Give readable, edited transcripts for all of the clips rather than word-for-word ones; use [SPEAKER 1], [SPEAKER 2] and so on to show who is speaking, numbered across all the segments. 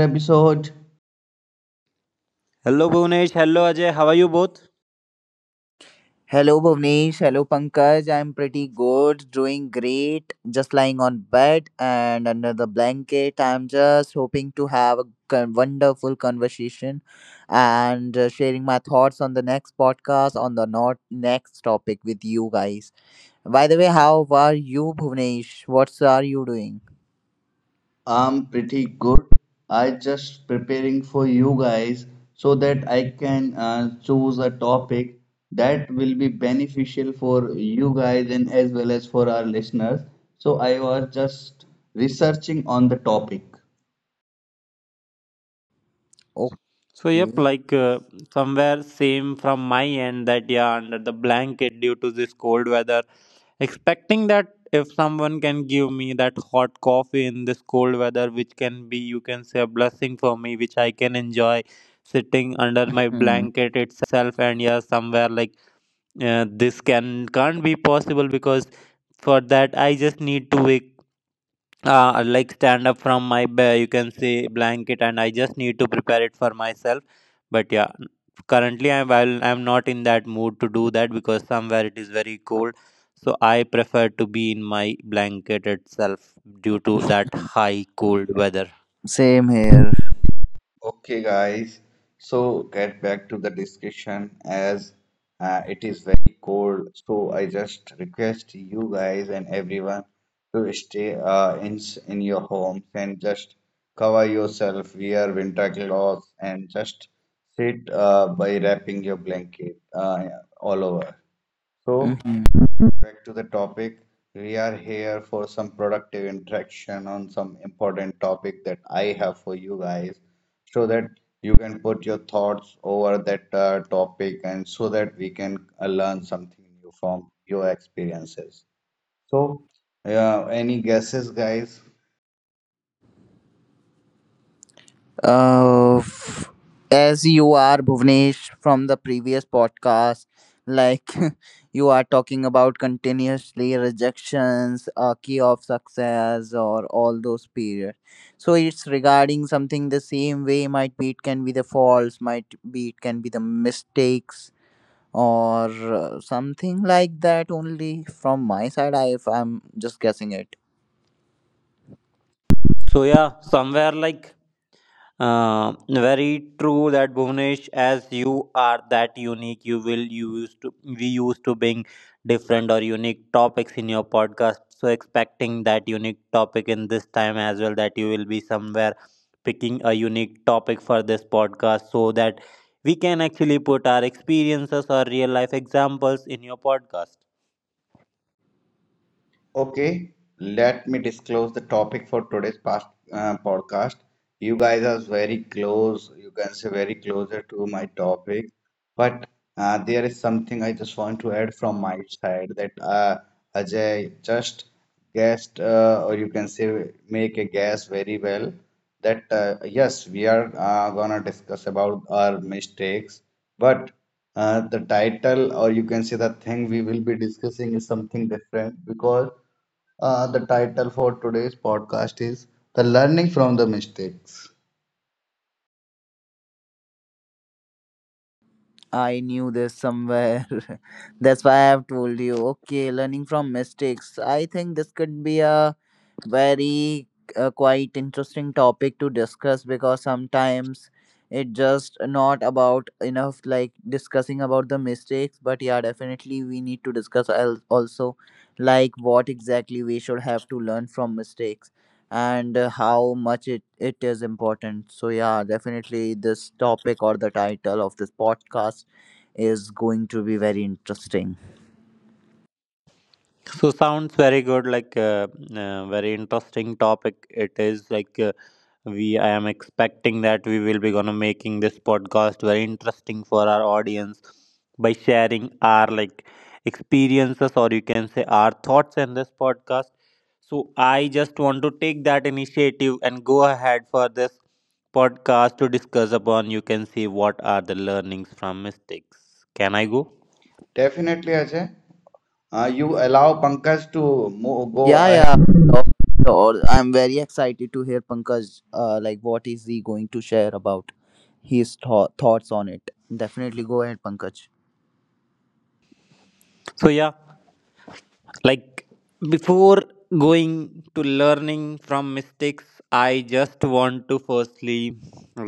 [SPEAKER 1] episode.
[SPEAKER 2] Hello Bhunesh, hello Ajay, how are you both?
[SPEAKER 3] Hello Bhuvnesh, hello Pankaj. I'm pretty good, doing great, just lying on bed and under the blanket. I'm just hoping to have a wonderful conversation and sharing my thoughts on the next podcast on the not next topic with you guys. By the way, how are you Bhuvnesh? What's are you doing?
[SPEAKER 1] I'm pretty good. I just preparing for you guys so that I can choose a topic that will be beneficial for you guys and as well as for our listeners. So I was just researching on the topic.
[SPEAKER 3] Okay.
[SPEAKER 2] So yep,
[SPEAKER 3] Mhm.
[SPEAKER 2] like somewhere same from my end. That yeah, under the blanket due to this cold weather, expecting that if someone can give me that hot coffee in this cold weather, which can be you can say a blessing for me, which I can enjoy sitting under my blanket itself. And yeah, somewhere like this can't be possible, because for that I just need to wake like stand up from my bed, you can say blanket, and I just need to prepare it for myself. But yeah, currently I'm while I'm not in that mood to do that, because somewhere it is very cold, so I prefer to be in my blanket itself due to that high cold weather.
[SPEAKER 3] Same here.
[SPEAKER 1] Okay, guys. So get back to the discussion as it is very cold. So I just request you guys and everyone to stay in your homes and just cover yourself, wear winter clothes, and just sit by wrapping your blanket all over. So
[SPEAKER 3] Mhm.
[SPEAKER 1] back to the topic. We are here for some productive interaction on some important topic that I have for you guys so that you can put your thoughts over that topic and so that we can learn something new from your experiences. So, yeah, any guesses, guys?
[SPEAKER 3] Uh, as you are Bhuvnesh from the previous podcast, like you are talking about continuously rejections, a key of success, or all those periods. So it's regarding something the same way. Might be it can be the faults, might be it can be the mistakes or something like that. Only from my side, I if I'm just guessing it.
[SPEAKER 2] So yeah, somewhere like very true that Bhuvnesh, as you are that unique, you will use to we used to being different or unique topics in your podcast. So expecting that unique topic in this time as well, that you will be somewhere picking a unique topic for this podcast, so that we can actually put our experiences or real life examples in your podcast.
[SPEAKER 1] Okay, let me disclose the topic for today's past podcast. You guys are very close, you can say very closer to my topic, but there is something I just want to add from my side that Ajay just guessed, or you can say make a guess very well that yes, we are gonna discuss about our mistakes but the title, or you can say the thing we will be discussing, is something different because the title for today's podcast is The Learning from the Mistakes.
[SPEAKER 3] I knew this somewhere. That's why I've told you. Okay, learning from mistakes. I think this could be a very quite interesting topic to discuss because sometimes it just not about enough like discussing about the mistakes, but yeah, definitely we need to discuss also like what exactly we should have to learn from mistakes and how much it is important. So yeah, definitely this topic or the title of this podcast is going to be very interesting.
[SPEAKER 2] So sounds very good, like very interesting topic. It is like. We I am expecting that we will be gonna making this podcast very interesting for our audience by sharing our like experiences or you can say our thoughts in this podcast. So I just want to take that initiative and go ahead for this podcast to discuss upon you can see what are the learnings from mistakes. Can I go?
[SPEAKER 1] Definitely, Ajay. You allow Pankaj to mo go
[SPEAKER 3] Yeah,
[SPEAKER 1] ahead.
[SPEAKER 3] yeah, sure, sure. I'm very excited to hear Pankaj. What is he going to share about his thoughts on it? Definitely go ahead, Pankaj.
[SPEAKER 2] So yeah, like before going to learning from mistakes, I just want to firstly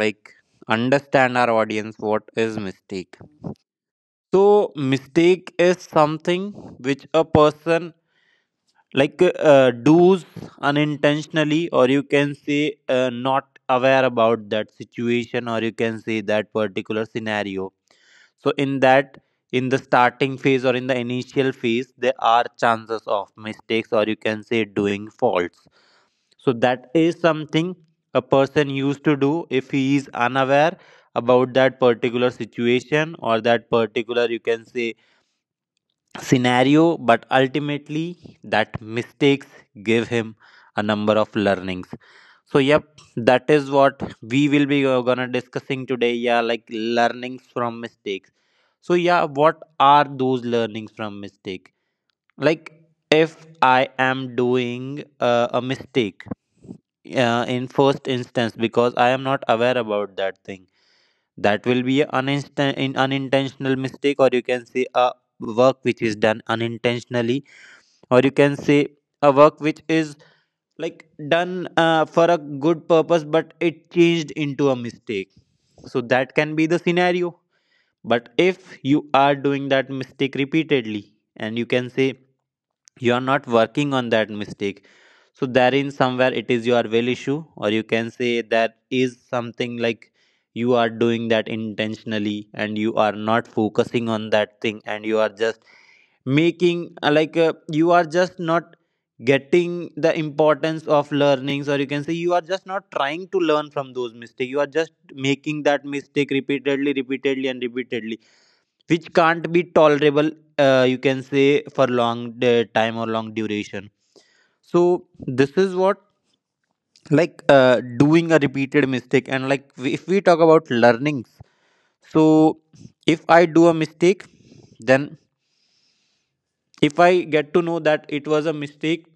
[SPEAKER 2] like understand our audience what is mistake. So mistake is something which a person like do's unintentionally, or you can say not aware about that situation or you can say that particular scenario. So in the starting phase or in the initial phase, there are chances of mistakes, or you can say doing faults. So that is something a person used to do if he is unaware about that particular situation or that particular you can say scenario, but ultimately that mistakes give him a number of learnings. So yep, that is what we will be gonna discussing today. Yeah, like learnings from mistakes. So yeah, what are those learnings from mistake? Like if I am doing a mistake in first instance, because I am not aware about that thing, that will be an uninst- in unintentional mistake, or you can say a work which is done unintentionally, or you can say a work which is like done for a good purpose, but it changed into a mistake. So that can be the scenario. But if you are doing that mistake repeatedly and you can say you are not working on that mistake, so therein somewhere it is your will issue, or you can say that is something like you are doing that intentionally and you are not focusing on that thing, and you are just making like you are just not getting the importance of learnings, or you can say you are just not trying to learn from those mistakes, you are just making that mistake repeatedly, repeatedly, and repeatedly, which can't be tolerable you can say for long time or long duration. So this is what like doing a repeated mistake. And like if we talk about learnings, so if I do a mistake, then if I get to know that it was a mistake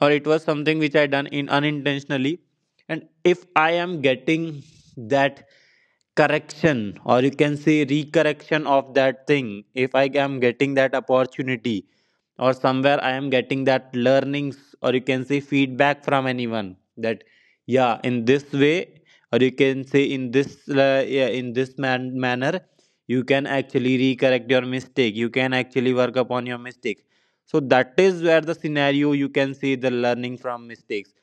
[SPEAKER 2] or it was something which I done in unintentionally, and if I am getting that correction or you can say recorrection of that thing, if I am getting that opportunity or somewhere I am getting that learnings or you can say feedback from anyone, that yeah, in this way or you can say in this yeah, in this manner, you can actually recorrect your mistake, you can actually work upon your mistake. So that is where the scenario you can see the learning from mistakes.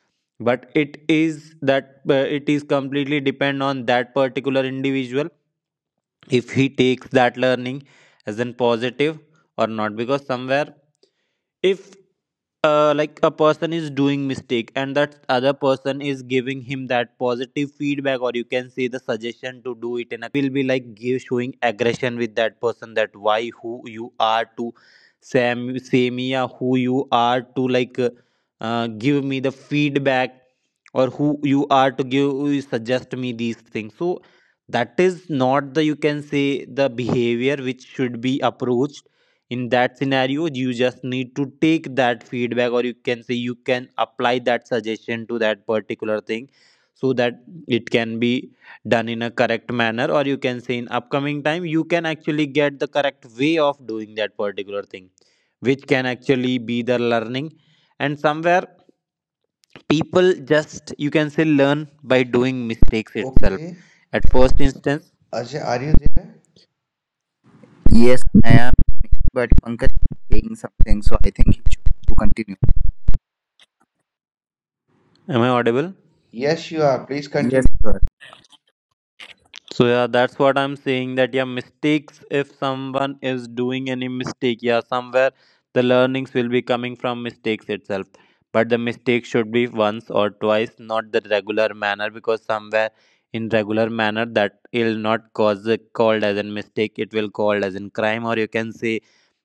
[SPEAKER 2] But it is that it is completely depend on that particular individual, if he takes that learning as in positive or not. Because somewhere if like a person is doing mistake, and that other person is giving him that positive feedback or you can say the suggestion to do it in a correct manner, he will be like arguing with that person, he will be like showing aggression with that person, that why who you are to samia, who you are to like give me the feedback or who you are to give you suggest me these things, so that is not the you can say the behavior which should be approached in that scenario. You just need to take that feedback or you can say you can apply that suggestion to that particular thing, so that it can be done in a correct manner, or you can say in upcoming time, you can actually get the correct way of doing that particular thing, which can actually be the learning. And somewhere people just you can say learn by doing mistakes itself
[SPEAKER 1] Okay.
[SPEAKER 2] at first instance.
[SPEAKER 1] Ajay, are you there?
[SPEAKER 3] Yes, I am, but Pankaj is saying something, so I think he should have to continue.
[SPEAKER 2] Am I audible?
[SPEAKER 1] Yes, you are. Please continue.
[SPEAKER 3] Yes, sir.
[SPEAKER 2] So yeah, that's what I'm saying. That yeah, mistakes. If someone is doing any mistake, yeah, somewhere the learnings will be coming from mistakes itself. But the mistake should be once or twice, not the regular manner, because somewhere in regular manner that will not cause a called as a mistake. It will called as in crime, or you can say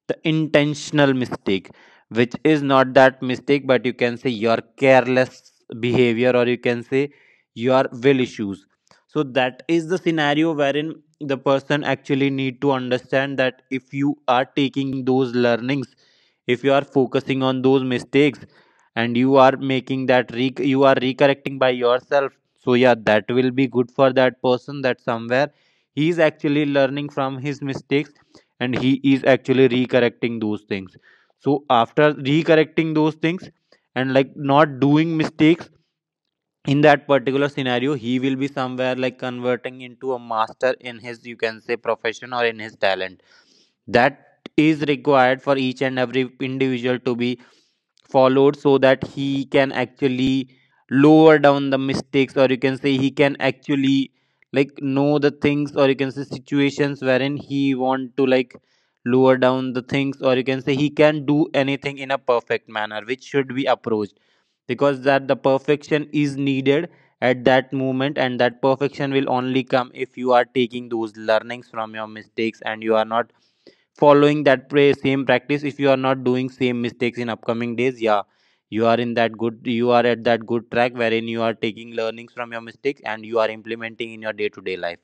[SPEAKER 2] the intentional mistake, which is not that mistake, but you can say your careless behavior, or you can say your will issues. So that is the scenario wherein the person actually need to understand that if you are taking those learnings, if you are focusing on those mistakes, and you are you are recorrecting by yourself. So yeah, that will be good for that person, that somewhere he is actually learning from his mistakes, and he is actually recorrecting those things. So after recorrecting those things and like not doing mistakes in that particular scenario, he will be somewhere like converting into a master in his you can say profession or in his talent, that is required for each and every individual to be followed, so that he can actually lower down the mistakes, or you can say he can actually like know the things, or you can say situations wherein he want to like lower down the things, or you can say he can do anything in a perfect manner which should be approached. Because that the perfection is needed at that moment, and that perfection will only come if you are taking those learnings from your mistakes, and you are not following that same practice. If you are not doing same mistakes in upcoming days, yeah, you are in that good you are at that good track wherein you are taking learnings from your mistakes and you are implementing in your day to day life.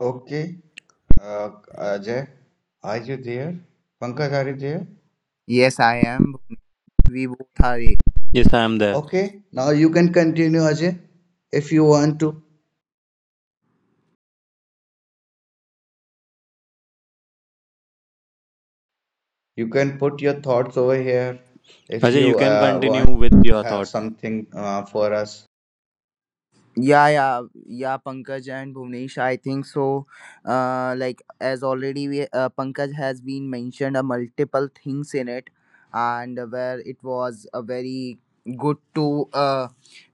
[SPEAKER 1] Okay. Uh, Ajay, are you there? Pankaj, are you there?
[SPEAKER 3] Yes, I am. We both are.
[SPEAKER 2] Yes, I am there,
[SPEAKER 1] Okay. Now you can continue, Ajay, if you want to. You can put your thoughts over here if
[SPEAKER 2] Ajay, you
[SPEAKER 1] you
[SPEAKER 2] can
[SPEAKER 1] want
[SPEAKER 2] continue with
[SPEAKER 1] to
[SPEAKER 2] your
[SPEAKER 1] have
[SPEAKER 2] thoughts.
[SPEAKER 1] something for us.
[SPEAKER 3] Yeah, yeah, yeah, Pankaj and Bhuvnesh, I think so. As already Pankaj has been mentioned a multiple things in it, and where it was a very good to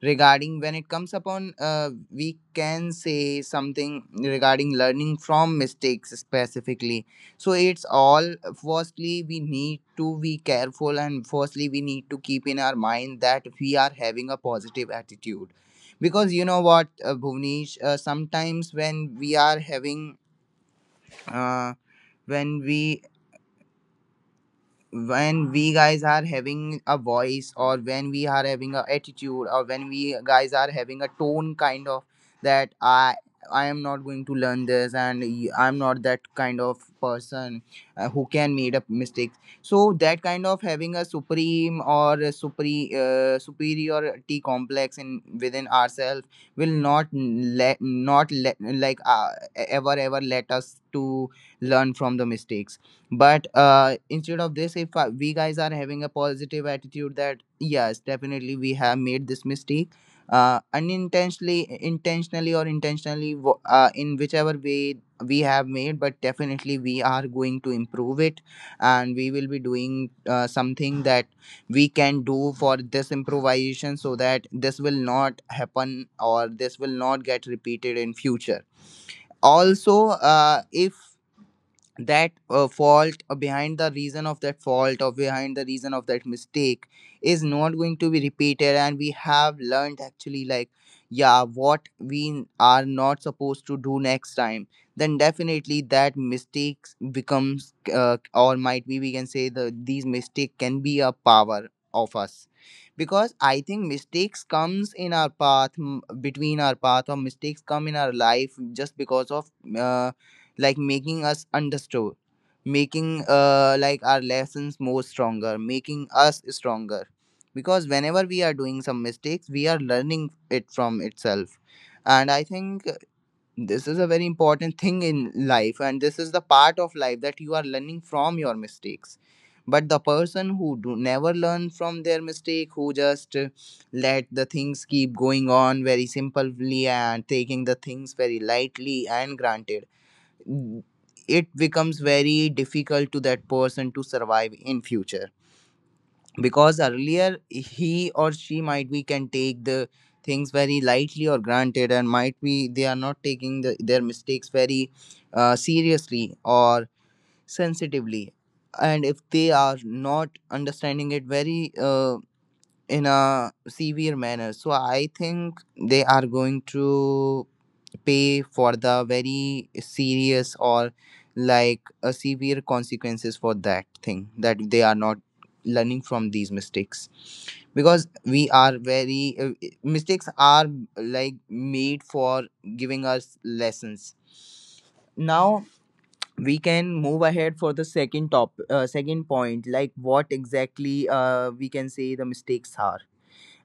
[SPEAKER 3] regarding when it comes upon we can say something regarding learning from mistakes specifically. So it's all, firstly we need to be careful and firstly we need to keep in our mind that we are having a positive attitude, because you know what, Bhuvnesh, sometimes when we are having uh, when we guys are having a voice, or when we are having a attitude, or when we guys are having a tone kind of that I am not going to learn this, and I'm not that kind of person who can made up mistakes. So that kind of having a supreme or a superiority complex in within ourselves will not let not let ever let us to learn from the mistakes. But instead of this, if we guys are having a positive attitude that yes, definitely we have made this mistake unintentionally intentionally or intentionally, in whichever way we have made, but definitely we are going to improve it, and we will be doing something that we can do for this improvisation so that this will not happen or this will not get repeated in future also. If that fault or behind the reason of that fault or behind the reason of that mistake is not going to be repeated, and we have learned actually like yeah what we are not supposed to do next time, then definitely that mistakes becomes or might be we can say the these mistake can be a power of us. Because I think mistakes comes in our path, between our path, or mistakes come in our life just because of uh, like making us understood, making like our lessons more stronger, making us stronger, because whenever we are doing some mistakes, we are learning it from itself. And I think this is a very important thing in life, and this is the part of life that you are learning from your mistakes. But the person who do never learn from their mistake, who just let the things keep going on very simply and taking the things very lightly and granted, it becomes very difficult to that person to survive in future, because earlier he or she might be can take the things very lightly or granted, and might be they are not taking their mistakes very seriously or sensitively, and if they are not understanding it very in a severe manner, so I think they are going to pay for the very serious or like a severe consequences for that thing that they are not learning from these mistakes, because we are very mistakes are like made for giving us lessons. Now we can move ahead for the second point, like what exactly we can say the mistakes are.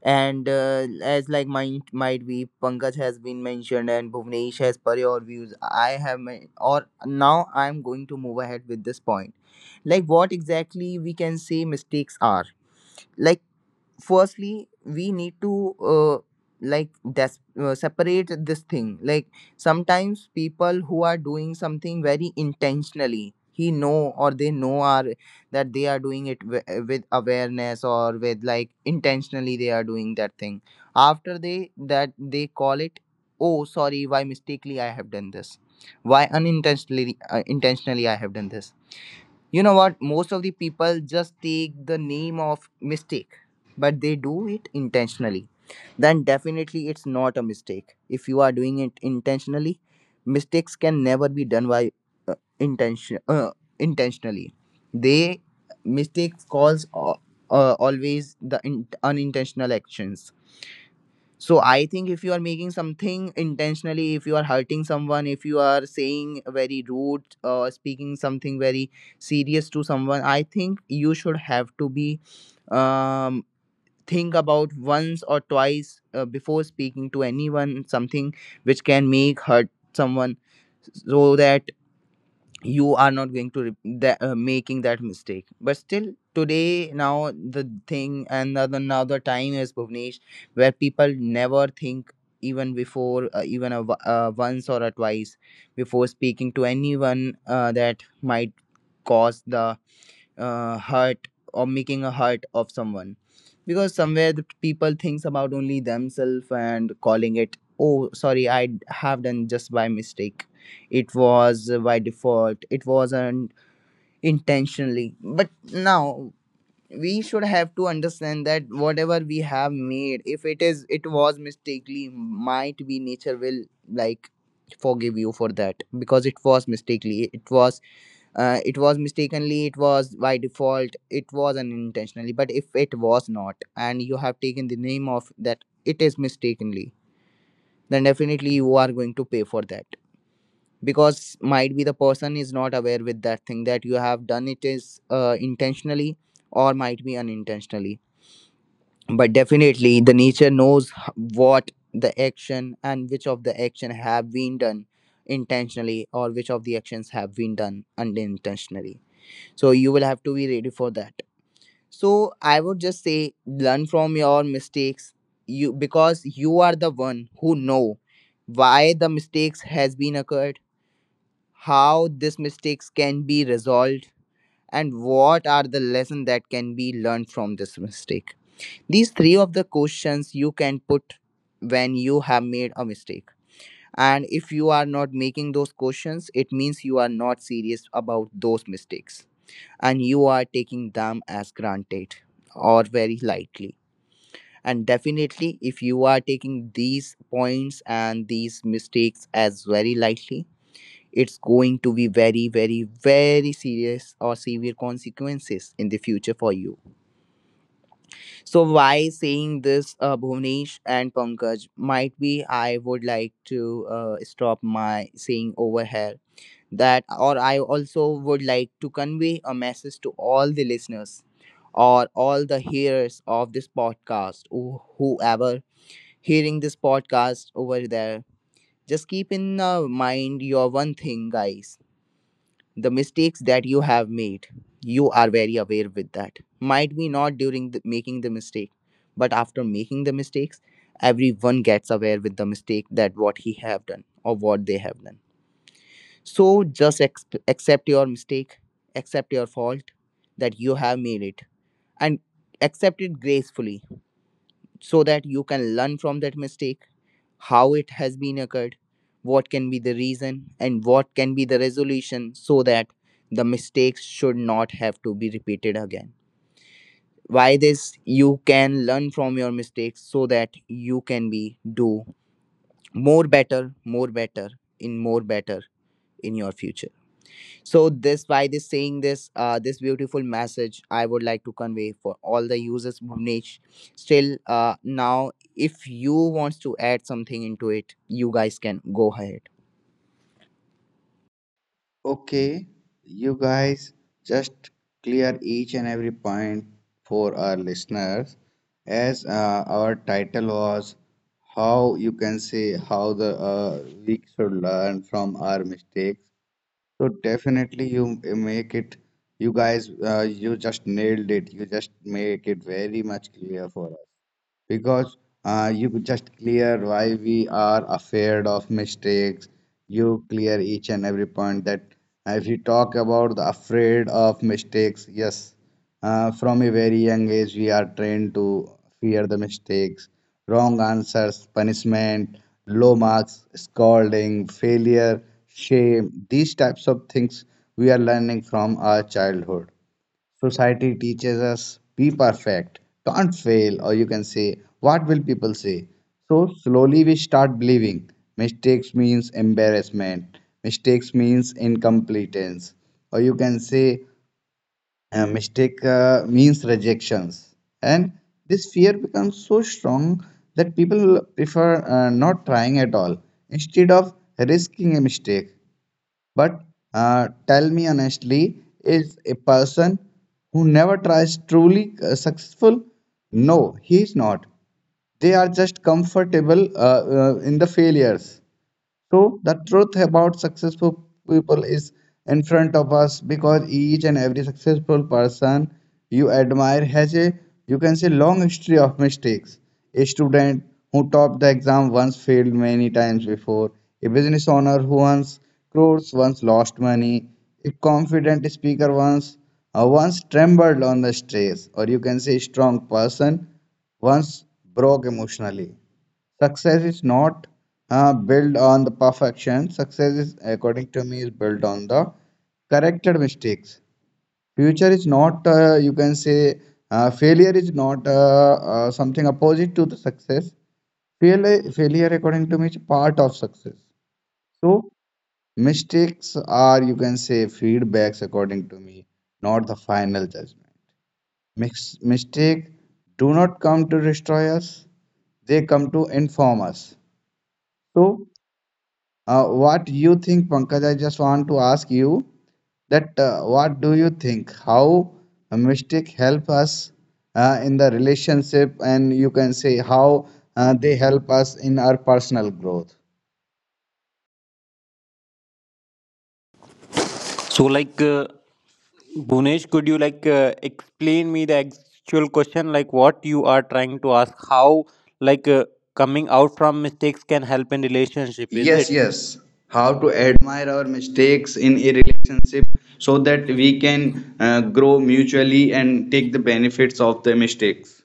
[SPEAKER 3] And as like might be Pankaj has been mentioned and Bhuvnesh has per your views. I have or now I'm going to move ahead with this point. Like what exactly we can say mistakes are. Like firstly we need to separate this thing, like sometimes people who are doing something very intentionally, he know or they know are that they are doing it with awareness or with like intentionally they are doing that thing. After they that, they call it, oh sorry, why mistakenly I have done this, why unintentionally intentionally I have done this. You know what? Most of the people just take the name of mistake, but they do it intentionally. Then definitely it's not a mistake. If you are doing it intentionally, mistakes can never be done by uh, intention uh, intentionally. They mistake calls always the unintentional actions. So I think if you are making something intentionally, if you are hurting someone, if you are saying very rude, speaking something very serious to someone, I think you should have to be um, think about once or twice before speaking to anyone something which can make hurt someone, so that you are not going to that, making that mistake. But still today, now the thing and the now the time is, Bhuvnesh, where people never think even before once or a twice before speaking to anyone that might cause the hurt or making a hurt of someone, because somewhere the people thinks about only themselves and calling it, oh sorry, have done just by mistake, it was by default, it wasn't intentionally. But now we should have to understand that whatever we have made, if it is it was mistakenly, might be nature will like forgive you for that, because it was mistakenly, it was mistakenly, it was by default, it was unintentionally. But if it was not, and you have taken the name of that it is mistakenly, then definitely you are going to pay for that. Because might be the person is not aware with that thing that you have done, it is intentionally or might be unintentionally, but definitely the nature knows what the action and which of the action have been done intentionally or which of the actions have been done unintentionally. So you will have to be ready for that. So I would just say, learn from your mistakes, you, because you are the one who know why the mistakes has been occurred, how these mistakes can be resolved, and what are the lesson that can be learned from this mistake. These three of the questions you can put when you have made a mistake. And if you are not making those questions, it means you are not serious about those mistakes, and you are taking them as granted or very lightly. And definitely, if you are taking these points and these mistakes as very lightly, it's going to be very, very, very serious or severe consequences in the future for you. So, why saying this, Bhuvnesh and Pankaj? Might be I would like to stop my saying over here that, or I also would like to convey a message to all the listeners or all the hearers of this podcast, whoever hearing this podcast over there, just keep in mind your one thing, guys. The mistakes that you have made, you are very aware with that. Might be not during the making the mistake, but after making the mistakes, everyone gets aware with the mistake that what he have done or what they have done. So just accept your mistake, accept your fault that you have made it, and accept it gracefully, so that you can learn from that mistake, how it has been occurred, what can be the reason, and what can be the resolution, so that the mistakes should not have to be repeated again. By this, you can learn from your mistakes, so that you can be do more better, more better, more better in your future. So this by this saying this this beautiful message, I would like to convey for all the users, Bhuvnesh. Still now if you wants to add something into it, you guys can go ahead.
[SPEAKER 1] Okay, you guys just clear each and every point for our listeners as our title was how you can say how the we should learn from our mistakes. So definitely you make it you guys you just nailed it. You just make it very much clear for us, because you could just clear why we are afraid of mistakes. You clear each and every point that if you talk about the afraid of mistakes, yes, from a very young age we are trained to fear the mistakes, wrong answers, punishment, low marks, scolding, failure, shame. These types of things we are learning from our childhood. Society teaches us be perfect, can't fail, or you can say, what will people say? So slowly we start believing mistakes means embarrassment, mistakes means incompetence, or you can say mistake means rejections. And this fear becomes so strong that people prefer not trying at all instead of risking a mistake. But tell me honestly, is a person who never tries truly successful? No, he is not. They are just comfortable in the failures. So the truth about successful people is in front of us because each and every successful person you admire has a you can say long history of mistakes. A student who topped the exam once failed many times before, a business owner who once crores once lost money, a confident speaker once once trembled on the stage, or you can say strong person once broke emotionally. Success is not built on the perfection. Success is, according to me, is built on the corrected mistakes. Future is not, you can say, failure is not something opposite to the success. Failure, according to me, is part of success. So mistakes are, you can say, feedbacks, according to me, not the final judgment. Mistake do not come to destroy us; they come to inform us. So what you think, Pankaj? I just want to ask you that what do you think? How mystic help us in the relationship, and you can say how they help us in our personal growth.
[SPEAKER 2] So, like, Bhunesh, could you like explain me the actual question, like what you are trying to ask? How like coming out from mistakes can help in relationship? Is
[SPEAKER 1] Yes,
[SPEAKER 2] it?
[SPEAKER 1] yes. How to admire our mistakes in a relationship so that we can grow mutually and take the benefits of the mistakes.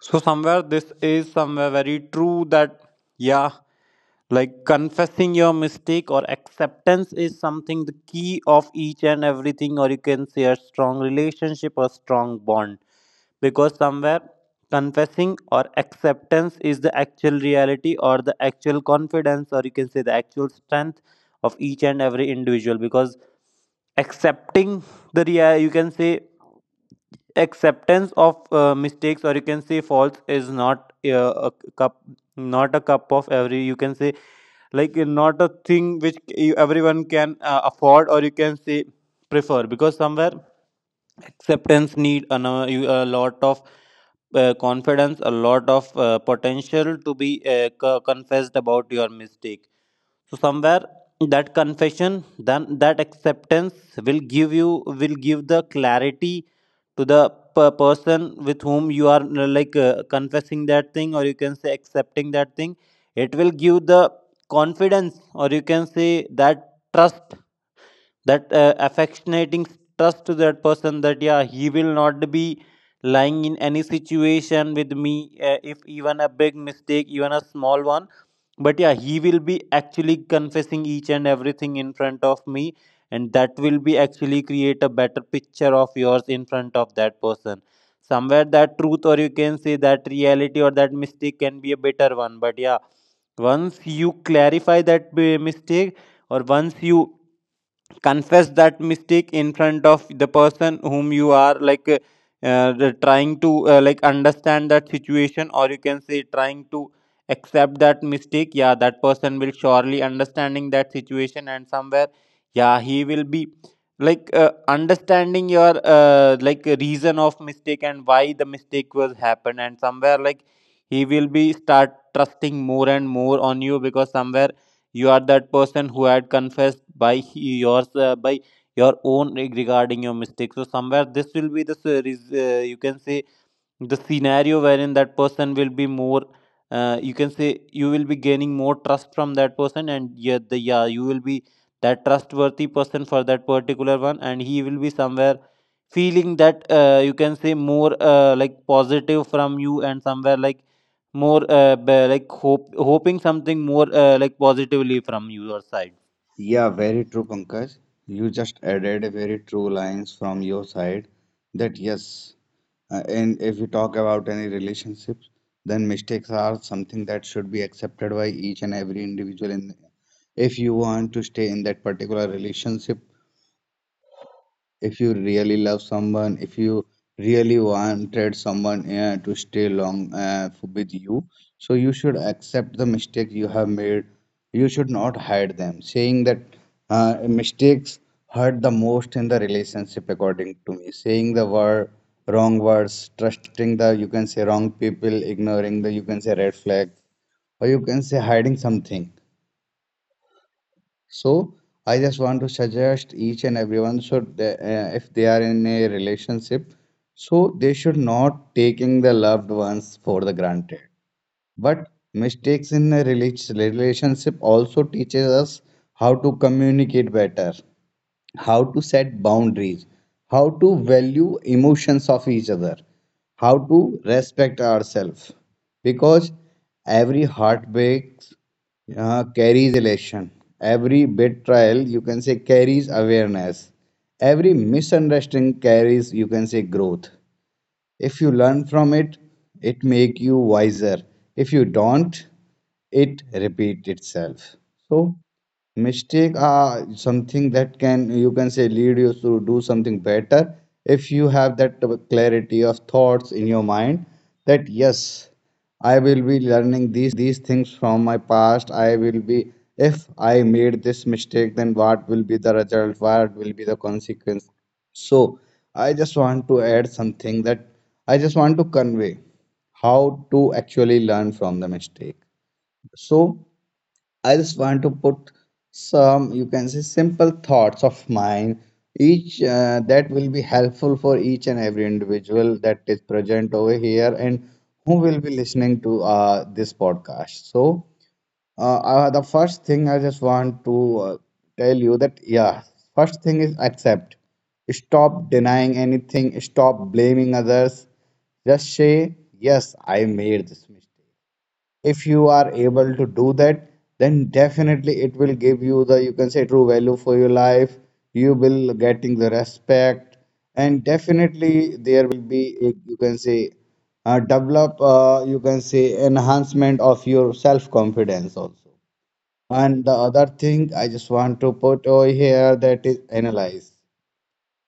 [SPEAKER 2] So somewhere this is somewhere very true that yeah, like confessing your mistake or acceptance is something the key of each and everything, or you can say a strong relationship or strong bond, because somewhere confessing or acceptance is the actual reality or the actual confidence, or you can say the actual strength of each and every individual. Because accepting you can say acceptance of mistakes or you can say faults is not a cup not a cup of every you can say like not a thing which everyone can afford or you can say prefer. Because somewhere acceptance need a lot of confidence, a lot of potential to be confessed about your mistake. So somewhere that confession, then that acceptance will give you will give the clarity to the person with whom you are like confessing that thing or you can say accepting that thing. It will give the confidence or you can say that trust, that affectionating trust to that person, that yeah, he will not be lying in any situation with me, if even a big mistake even a small one, but yeah, he will be actually confessing each and everything in front of me, and that will be actually create a better picture of yours in front of that person. Somewhere that truth or you can say that reality or that mistake can be a better one, but yeah, once you clarify that mistake or once you confess that mistake in front of the person whom you are like uh, trying to like understand that situation, or you can say trying to accept that mistake, yeah that person will surely understanding that situation, and somewhere yeah, he will be like understanding your like reason of mistake and why the mistake was happened. And somewhere like he will be start trusting more and more on you, because somewhere you are that person who had confessed by your own regarding your mistakes. So somewhere this will be the you can say the scenario wherein that person will be more you can say you will be gaining more trust from that person. And yeah, the yeah you will be that trustworthy person for that particular one, and he will be somewhere feeling that you can say more like positive from you, and somewhere like more like hope hoping something more like positively from your side.
[SPEAKER 1] Yeah, very true, Pankaj. You just added a very true lines from your side that yes, and if you talk about any relationships, then mistakes are something that should be accepted by each and every individual in if you want to stay in that particular relationship if you really love someone, if you really wanted someone to stay long with you, so you should accept the mistakes you have made. You should not hide them, saying that mistakes hurt the most in the relationship, according to me. Saying the word wrong words, trusting the you can say wrong people, ignoring the you can say red flag, or you can say hiding something. So I just want to suggest each and everyone should, if they are in a relationship, so they should not taking the loved ones for the granted. But mistakes in a relationship also teaches us how to communicate better, how to set boundaries, how to value emotions of each other, how to respect ourselves. Because every heartbreak carries elation, every betrayal, you can say, carries awareness, every misunderstanding carries, you can say, growth. If you learn from it, it make you wiser. If you don't, it repeat itself. So mistake are something that can you can say lead you to do something better if you have that clarity of thoughts in your mind that yes I will be learning these things from my past, I will be if I made this mistake then what will be the result, what will be the consequence. So I just want to add something that I just want to convey how to actually learn from the mistake. So I just want to put some, you can say, simple thoughts of mine, each that will be helpful for each and every individual that is present over here and who will be listening to this podcast. So, the first thing I just want to tell you that, yeah, first thing is accept. Stop denying anything, stop blaming others. Just say, yes, I made this mistake. If you are able to do that then definitely it will give you the you can say true value for your life, you will getting the respect and definitely there will be a, you can say develop you can say enhancement of your self confidence also. And the other thing I just want to put over here that is analyze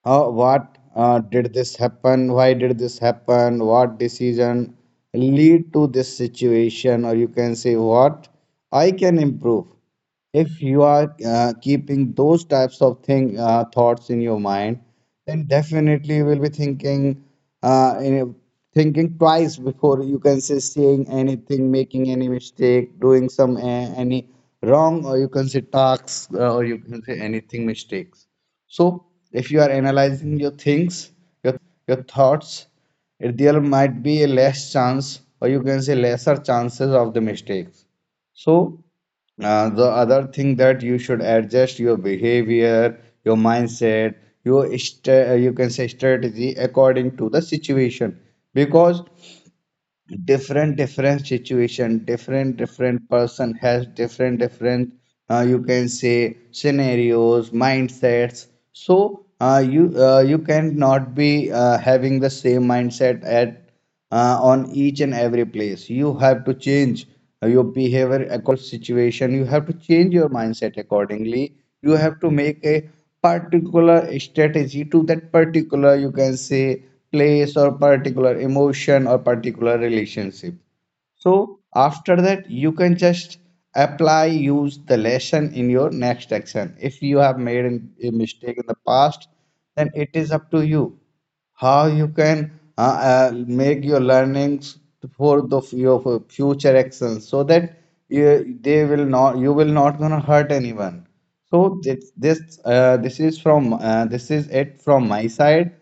[SPEAKER 1] how, what did this happen? Why did this happen? What decision lead to this situation? Or you can say what I can improve. If you are keeping those types of thing thoughts in your mind, then definitely you will be thinking, you know, thinking twice before you can say saying anything, making any mistake, doing some any wrong, or you can say tasks, or you can say anything mistakes. So, if you are analyzing your things, your thoughts, there might be a less chance, or you can say lesser chances of the mistakes. So, the other thing that you should adjust your behavior, your mindset, your you can say strategy according to the situation because different different situation different different person has different different you can say scenarios, mindsets. So you you cannot be having the same mindset at on each and every place. You have to change your behavior according to situation, you have to change your mindset accordingly, you have to make a particular strategy to that particular you can say place or particular emotion or particular relationship. So after that, you can just apply, use the lesson in your next action. If you have made a mistake in the past, then it is up to you how you can make your learnings for the your future actions so that you, they will not you will not gonna hurt anyone. So this this is from this is it from my side,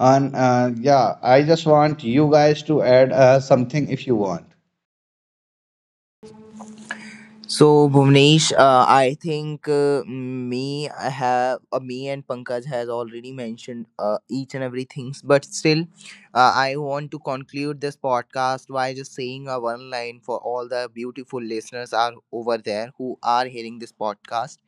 [SPEAKER 1] and yeah, I just want you guys to add something if you want.
[SPEAKER 3] So Bhuvnesh, I think me I have me and Pankaj has already mentioned each and every things, but still I want to conclude this podcast by just saying a one line for all the beautiful listeners are over there who are hearing this podcast.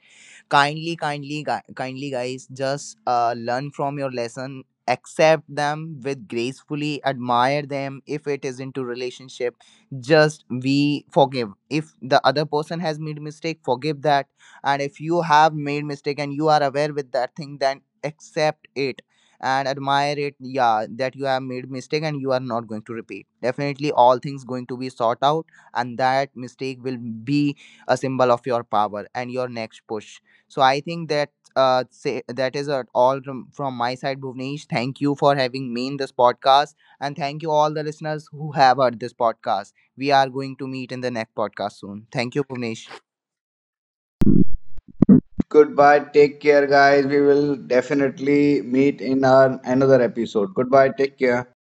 [SPEAKER 3] Kindly, kindly, kindly, guys, just learn from your lesson, accept them with gracefully, admire them. If it is into relationship, just we forgive. If the other person has made mistake, forgive that. And if you have made mistake and you are aware with that thing, then accept it and admire it, yeah, that you have made mistake and you are not going to repeat. Definitely all things going to be sought out, and that mistake will be a symbol of your power and your next push. So I think that that is from my side, Bhuvnesh. Thank you for having me in this podcast, and thank you all the listeners who have heard this podcast. We are going to meet in the next podcast soon. Thank you, Bhuvnesh.
[SPEAKER 1] Goodbye. Take care, guys. We will definitely meet in our another episode. Goodbye. Take care.